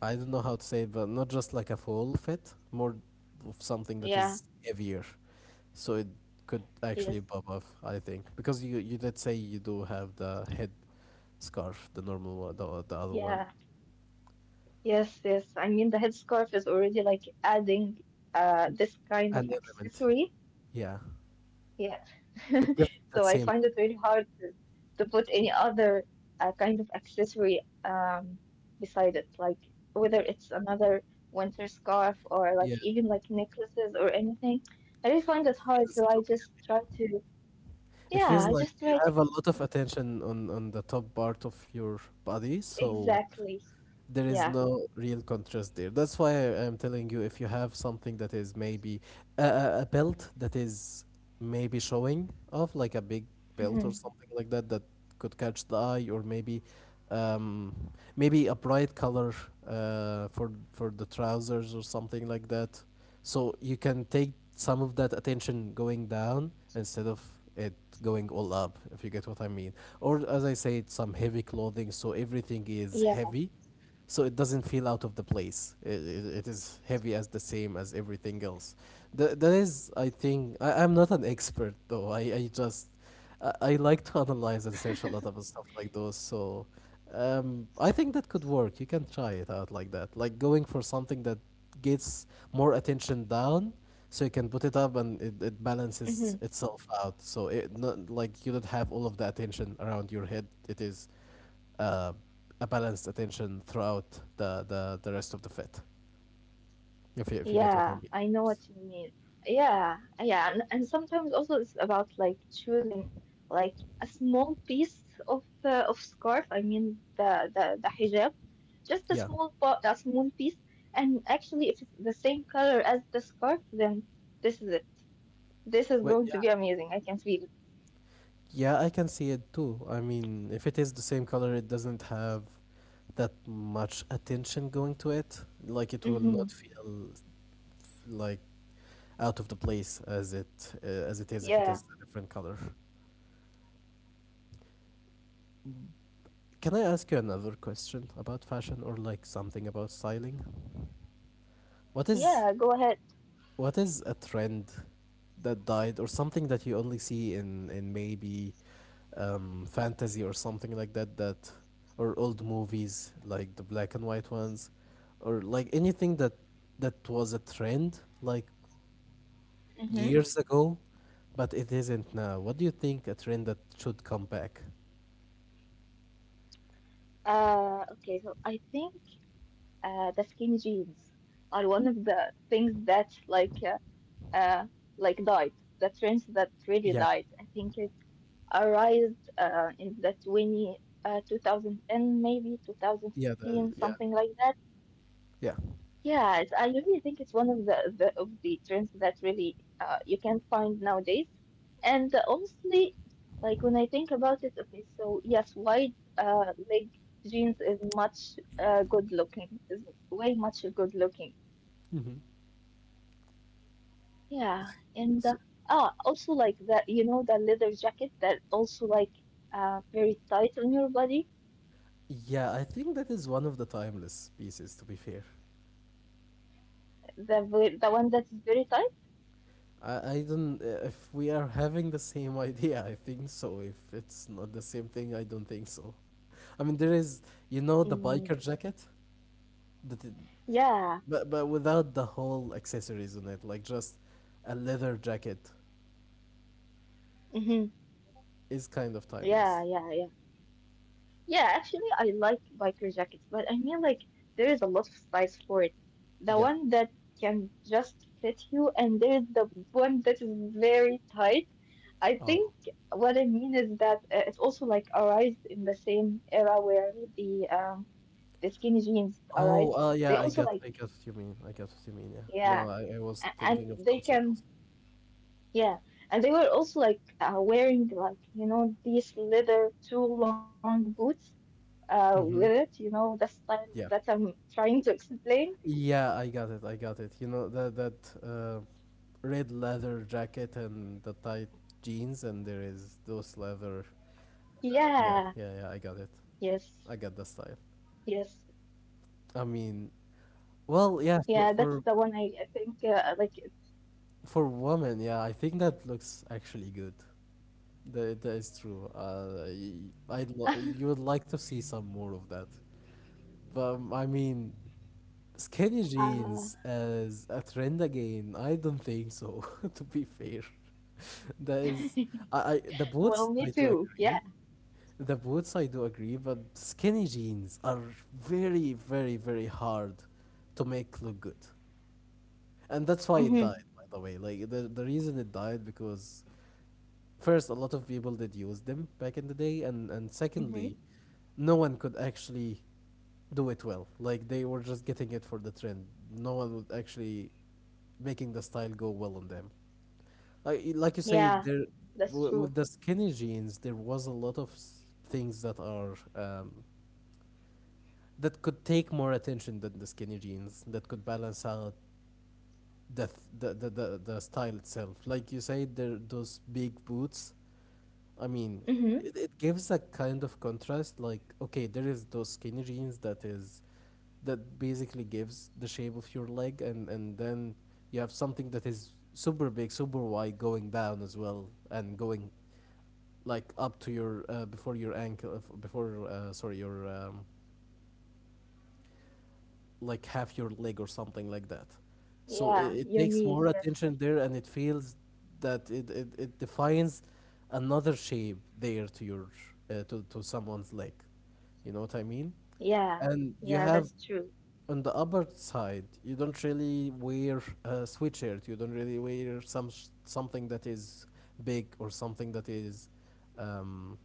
I don't know how to say it, but not just like a fall fit, more of something that
yeah.
is heavier, so it could actually
Yes.
bob off. I think because you did say you do have the head scarf, the normal one, the other one,
Yeah. Yes, yes. I mean, the headscarf is already like adding this kind
and
of
the element.
accessory.
Yeah,
Yeah.
it gives
So
that
I
same.
find it very hard to put any other kind of accessory beside it, like whether it's another winter scarf or
Yeah,
like
it
even like necklaces or anything. I just find it hard, so
feels
I
too big.
just try to,
It
yeah,
feels
I
like
just try
you
to
have a
keep
lot of attention on the top part of your body, so
exactly.
there is
Yeah.
no real contrast there. That's why I am telling you if you have something that is maybe a belt that is maybe showing off, like a big belt or
Hmm.
something like that, that could catch the eye, or maybe um, maybe a bright color for the trousers or something like that. So you can take some of that attention going down instead of it going all up, if you get what I mean. Or as I said, some heavy
Yeah.
clothing, so everything is heavy, so it doesn't feel out of the place. It is heavy as the same as everything else. That is, I think, I'm not an expert though. I just I like to analyze and search a lot of stuff like those, so I think that could work. You can try it out like that, like going for something that gets more attention down, so you can put it up and it balances itself out. So it not like you don't have all of the attention around your head. It is uh, a balanced attention throughout the rest of the fit. If you get what I
Yeah,
mean.
I know what you mean. Yeah, yeah, and sometimes also it's about like choosing like a small piece of scarf. I mean the hijab, just a
Yeah.
small part, a small piece. And actually, if it's the same color as the scarf, then this is it. This is
Well,
going to
yeah.
be amazing. I can feel it.
Yeah, I can see it too. I mean, if it is the same color, it doesn't have that much attention going to it. Like it will not
Mm-hmm.
feel like out of the place as it is if it is
Yeah,
a different color. Can I ask you another question about fashion or like something about styling? What is
yeah. Go ahead.
what is a trend that died or something that you only see in maybe fantasy or something like that or old movies like the black and white ones or like anything that was a trend like
Mm-hmm.
years ago, but it isn't now. What do you think a trend that should come back?
Okay, so I think the skinny jeans are one of the things that uh, like died. The trends that really
Yeah,
died. I think it arrived in the 20, 2010, maybe
yeah, the,
2015,
yeah,
something like that.
yeah.
Yeah, it's, I really think it's one of the of the trends that really you can find nowadays. And honestly, like when I think about it, okay, so yes, wide leg jeans is much good looking, is way much good looking.
hmm
Yeah,
So,
ah, also like that, you know, the leather jacket that also like very tight on your body,
yeah, I think that is one of the timeless pieces. To be fair,
the one that is very tight.
I don't. If we are having the same idea, I think so. If it's not the same thing, I don't think so. I mean, there is, you know, the
Mm,
biker jacket, that it,
yeah,
but without the whole accessories on it, like just a leather jacket
mm-hmm.
is kind of
Yeah,
timeless.
yeah, yeah. Yeah, actually, I like biker jackets, but I mean, like, there is a lot of size for it. The
Yeah.
one that can just fit you, and there's the one that is very tight. I
Oh.
think what I mean is that it's also like arised in the same era where the skinny jeans, all right?
Oh,
They
yeah,
also like,
I got what you mean. I got what you mean. Yeah. No,
yeah,
I was
and
thinking of
they
something else.
can, yeah, and they were also like wearing like, you know, these leather too long boots with
Mm-hmm.
it, you know, the style that
Yeah.
I'm trying to explain.
Yeah, I got it. I got it. You know that red leather jacket and the tight jeans, and there
Yeah,
is those leather.
yes,
Yeah, yeah, yeah. I got it.
yes,
I got the style. I
yeah,
mean,
that's the one I
well,
think
yeah, for
I like
for
it.
for women, yeah, I think that looks actually good. That is true. You would like to see some more of that, but I mean,
uh
skinny jeans as a trend again? I don't think so, to be fair. That is, I
well,
the
me
boots
too.
I do
Yeah.
agree. The boots I do agree, but skinny jeans are very, very, very hard to make look good, and that's why it
Mm-hmm.
died. By the way, like the reason it died because first a lot of people did use them back in the day, and secondly,
Mm-hmm.
no one could actually do it well. Like they were just getting it for the trend. No one would actually making the style go well on them. Like you say,
Yeah,
there
that's
with
true.
the skinny jeans, there was a lot of things that are um, that could take more attention than the skinny jeans. That could balance out the th- the style itself. Like you say, there those big boots. I mean,
Mm-hmm.
it gives a kind of contrast. Like okay, there is those skinny jeans that is that basically gives the shape of your leg and then you have something that is super big, super wide going down as well and going like up to your before your ankle before sorry your like half your leg or something like that. So it,
Yeah,
it
your
takes
knees,
more
yes.
attention there and it feels that it defines another shape there to your to someone's leg. You know what I mean?
Yeah,
And you
yeah,
have
that's true.
on the upper side, you don't really wear a sweatshirt. You don't really wear some something that is big or something that is um,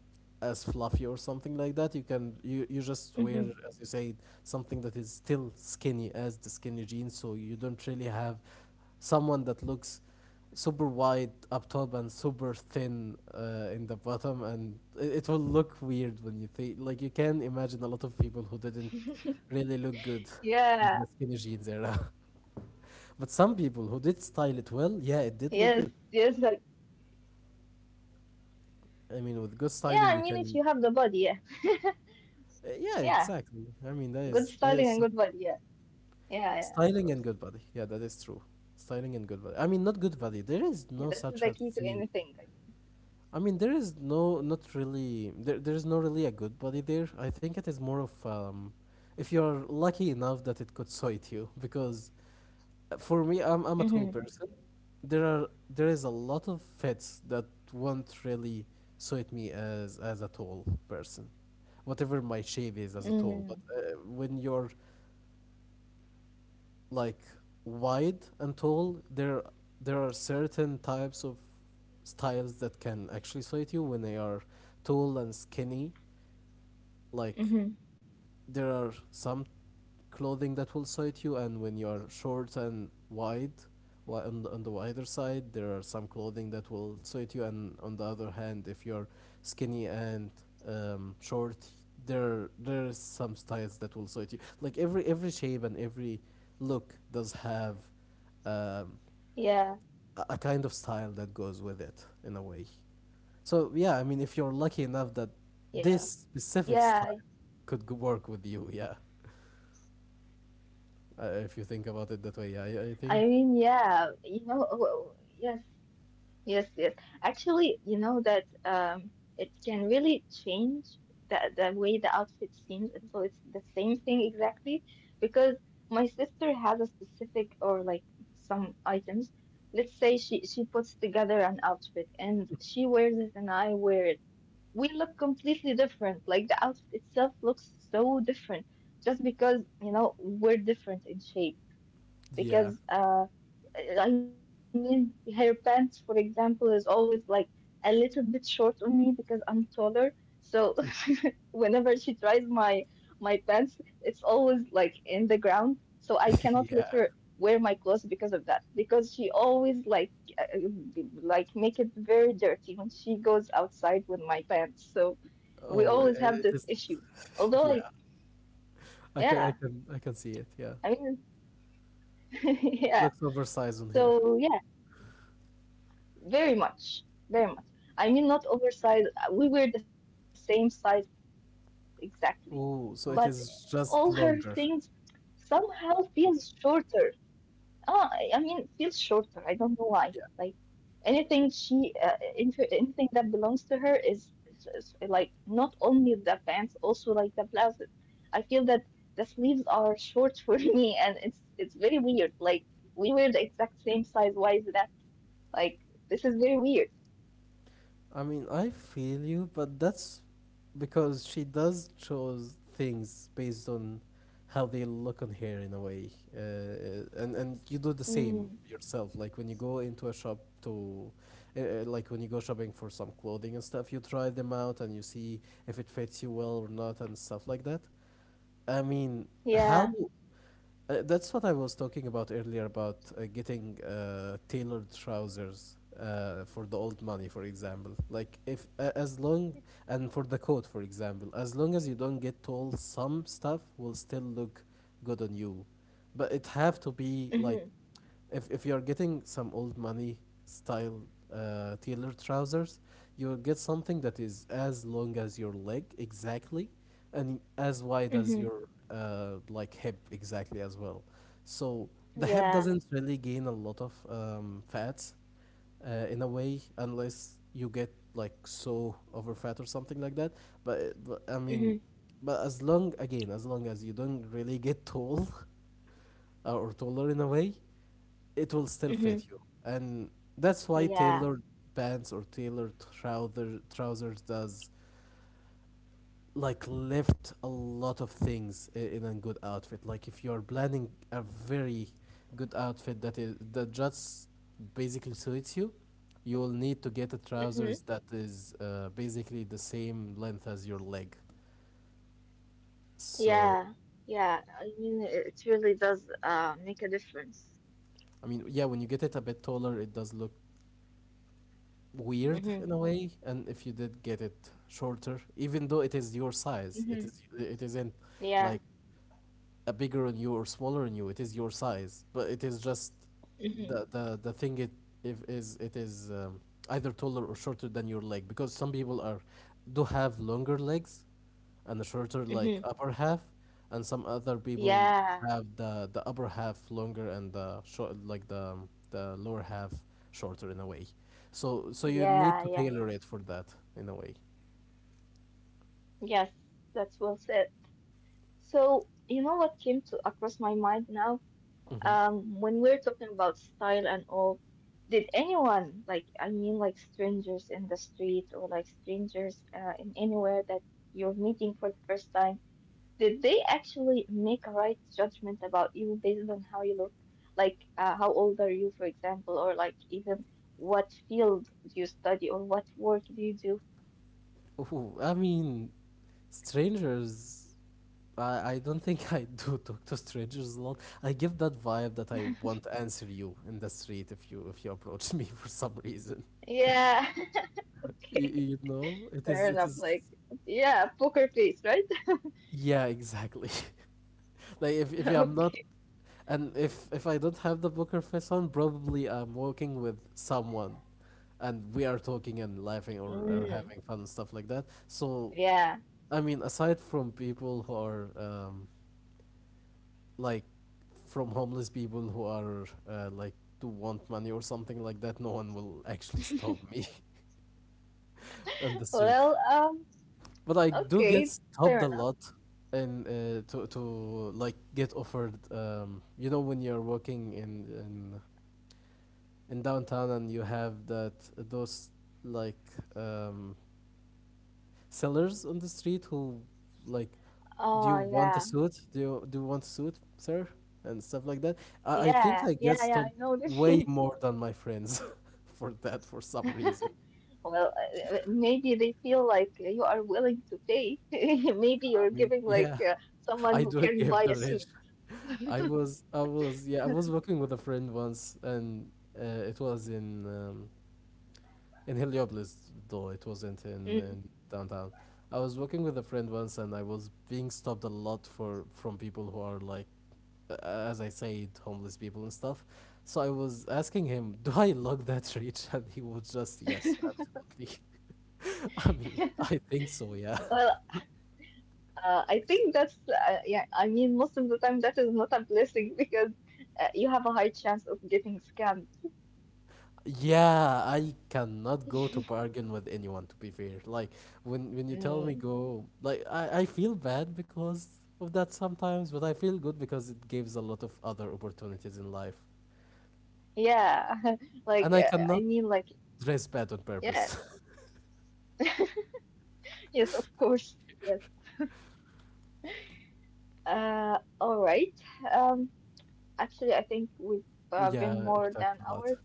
as fluffy or something like that. You just wear, as you
Hmm.
said, something that is still skinny as the skinny jeans, so you don't really have someone that looks super wide up top and super thin in the bottom, and it will look weird when you think like you can imagine a lot of people who didn't
Yeah,
really look good in the skinny jeans era. But some people who did style it
yes,
well, yeah,
yes.
it
Like,
did look good. I
yeah, I
mean, with
mean,
good
if you have
styling,
the
you
body,
can.
yeah, yeah,
Yeah, exactly. I
good
mean, that
styling and
is
good
that
body,
is
yeah, yeah, yeah, of course.
styling and good body. Yeah, that is true. Styling and good body. I mean, not good body. There is no
Yeah, that's
such a
the key to
thing.
anything, I
I mean, there is no, not really, there is no really a good body there. I think it is more of, if you are lucky enough that it could suit you, because for me, I'm a tall person.
mean.
There is a lot of fits that won't really suit me as a tall person whatever my shape is as a tall. But when
Mm-hmm.
you're
Mm-hmm.
like wide and tall, there are certain types of styles that can actually suit you when they are tall and skinny, like there are some
Mm-hmm.
clothing that will suit you, and when you are short and wide, on the wider side, there are some clothing that will suit you, and on the other hand, if you're skinny and short, there is some styles that will suit you. Like every shape and every look does have um, a kind of style that goes with
Yeah,
it in a way. So yeah, I mean, if you're lucky enough that
yeah,
this specific style
yeah.
could work with you, yeah. If you think about it that way, yeah, I
I
think,
mean, yeah, you know, yes. Yes, yes. Actually, you know that it can really change the way the outfit seems, so it's the same thing exactly. Because my sister has a specific or like some items. Let's say she puts together an outfit and she wears it and I wear it. We look completely different. Like the outfit itself looks so different just because, you know, we're different in shape.
yeah,
Because I mean, her pants, for example, is always like a little bit short on me because I'm taller. So whenever she tries my pants, it's always like in the ground. So I cannot let
yeah.
her wear my clothes because of that. Because she always uh, like make it very dirty when she goes outside with my pants. So we
Oh,
always have
it
this
is.
issue. Although
Yeah,
like yeah,
I can see it. Yeah,
I mean
it
yeah.
looks oversized on here.
So yeah. Very much, very much. I mean, not oversized. We were the same size exactly, but all her
Oh, so it
things
is just
somehow
longer.
feels shorter. Ah, I mean, feels shorter. I don't know why. Like
Yeah.
anything that belongs to her is like not only the pants, also like the blouses. I feel that the sleeves are short for me, and it's very weird. Like we were the exact same size. Why is that? Like this is very weird.
I mean, I feel you, but that's because she does chose things based on how they look on her in a way, and you do the same
Mm,
yourself. Like when you go into a shop to, like when you go shopping for some clothing and stuff, you try them out and you see if it fits you well or not and stuff like that. I mean, how
yeah.
that's what I was talking about earlier about getting tailored trousers for the old money, for example. Like if a as long and for the coat, for example, as long as you don't get told some stuff will still look good on you, but it have to be like
Mhm.
if you're getting some old money style tailored trousers, you'll get something that is as long as your leg exactly, and as wide as
Mhm.
your like hip exactly as well. So the hip
Yeah.
doesn't really gain a lot of fats in a way unless you get like so over fat or something like that. But I mean,
Mhm.
but as long again as long as you don't really get tall or taller in a way it will still
Mhm.
fit you. And that's why
Yeah.
tailored pants or tailored trousers does like lift a lot of things in a good outfit. Like if you are planning a very good outfit that just basically suits you, you will need to get a trousers
Mhm.
that is basically the same length as your leg. So
Yeah. Yeah. I mean, it really does make a difference.
I mean, yeah, when you get it a bit taller, it does look weird in a
Mhm.
way, and if you did get it shorter even though it is your size, it
Mhm.
is it isn't like
Yeah.
a bigger on you or smaller on you, it is your size, but it is just
Mhm.
the thing it if is it is either taller or shorter than your leg, because some people are do have longer legs and a shorter like
Mhm.
upper half, and some other people
Yeah.
have the upper half longer and the short like the lower half shorter in a way. So you need
Yeah.
to
Yeah.
tailor
Yeah.
it for that in a way.
Yes, that's well said. So, you know what came to across my mind now?
Hmm.
When we're talking about style and all, did anyone, like, I mean, like strangers in the street or like strangers in anywhere that you're meeting for the first time, did they actually make a right judgment about you based on how you look? Like, how old are you, for example, or like even what field do you study or what work do you do?
Ooh, I mean, strangers. I don't think I do talk to strangers a lot. I give that vibe that I won't answer you in the street if you approach me for some reason.
Yeah,
You
okay,
You, know, it
fair
is it
enough.
is
Like, yeah, poker face, right?
yeah, exactly. Like if I'm
Okay.
not. And if I don't have the poker face on, probably I'm walking with someone and we are talking and laughing, or
Mm,
having fun and stuff like that. So
yeah.
I mean, aside from people who are like from homeless people who are like to want money or something like that, no one will actually stop me on the street.
Well,
But I do
okay,
get
fair
stopped a
enough.
lot and to like get offered, you know when you're walking in downtown and you have that those like um, sellers on the street who like, "Do you
Oh,
want a
yeah.
suit? Do you want a suit, sir?" and stuff like that. I think
Yeah,
I get
yeah, yeah,
stopped
I know this.
way more than my friends for that for some reason.
Well, maybe they feel like you are willing to pay. Maybe you're
I mean,
giving like
yeah,
someone
I
who
do
can buy
give
a
the rich.
suit.
I was yeah, I was walking with a friend once, and uh, it was in Heliopolis, though it wasn't
Mm.
in downtown. I was walking with a friend once, and I was being stopped a lot for from people who are like, as I said, homeless people and stuff. So I was asking him, "Do I look that rich?" And he was just, "Yes, absolutely." I mean, I think so. Yeah.
Well, I think that's, yeah, I mean, most of the time that is not a blessing because you have a high chance of getting scammed.
Yeah, I cannot go to bargain with anyone, to be fair. Like when you tell me
Mm.
go, like I feel bad because of that sometimes, but I feel good because it gives a lot of other opportunities in life.
Yeah, like,
And I
I
cannot
mean, like,
dress bad on purpose.
yes, yes, of course, yes. All right. Um, actually, I think we've been
Yeah, we
more
talked
than
a lot.
hour.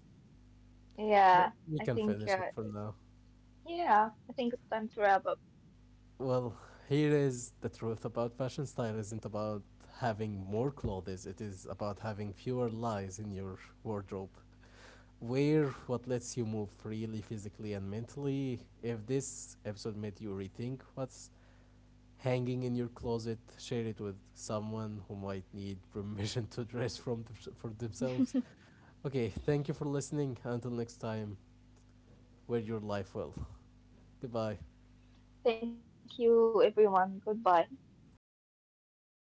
Uh,
Yeah,
We
I
can
think
finish it for
it's,
now.
yeah, I think it's time to wrap up.
Well, here is the truth about fashion: style isn't about having more clothes, it is about having fewer lies in your wardrobe. Wear what lets you move freely, physically and mentally. If this episode made you rethink what's hanging in your closet, share it with someone who might need permission to dress for themselves. Okay, thank you for listening. Until next time, wear your life well. Goodbye.
Thank you, everyone. Goodbye.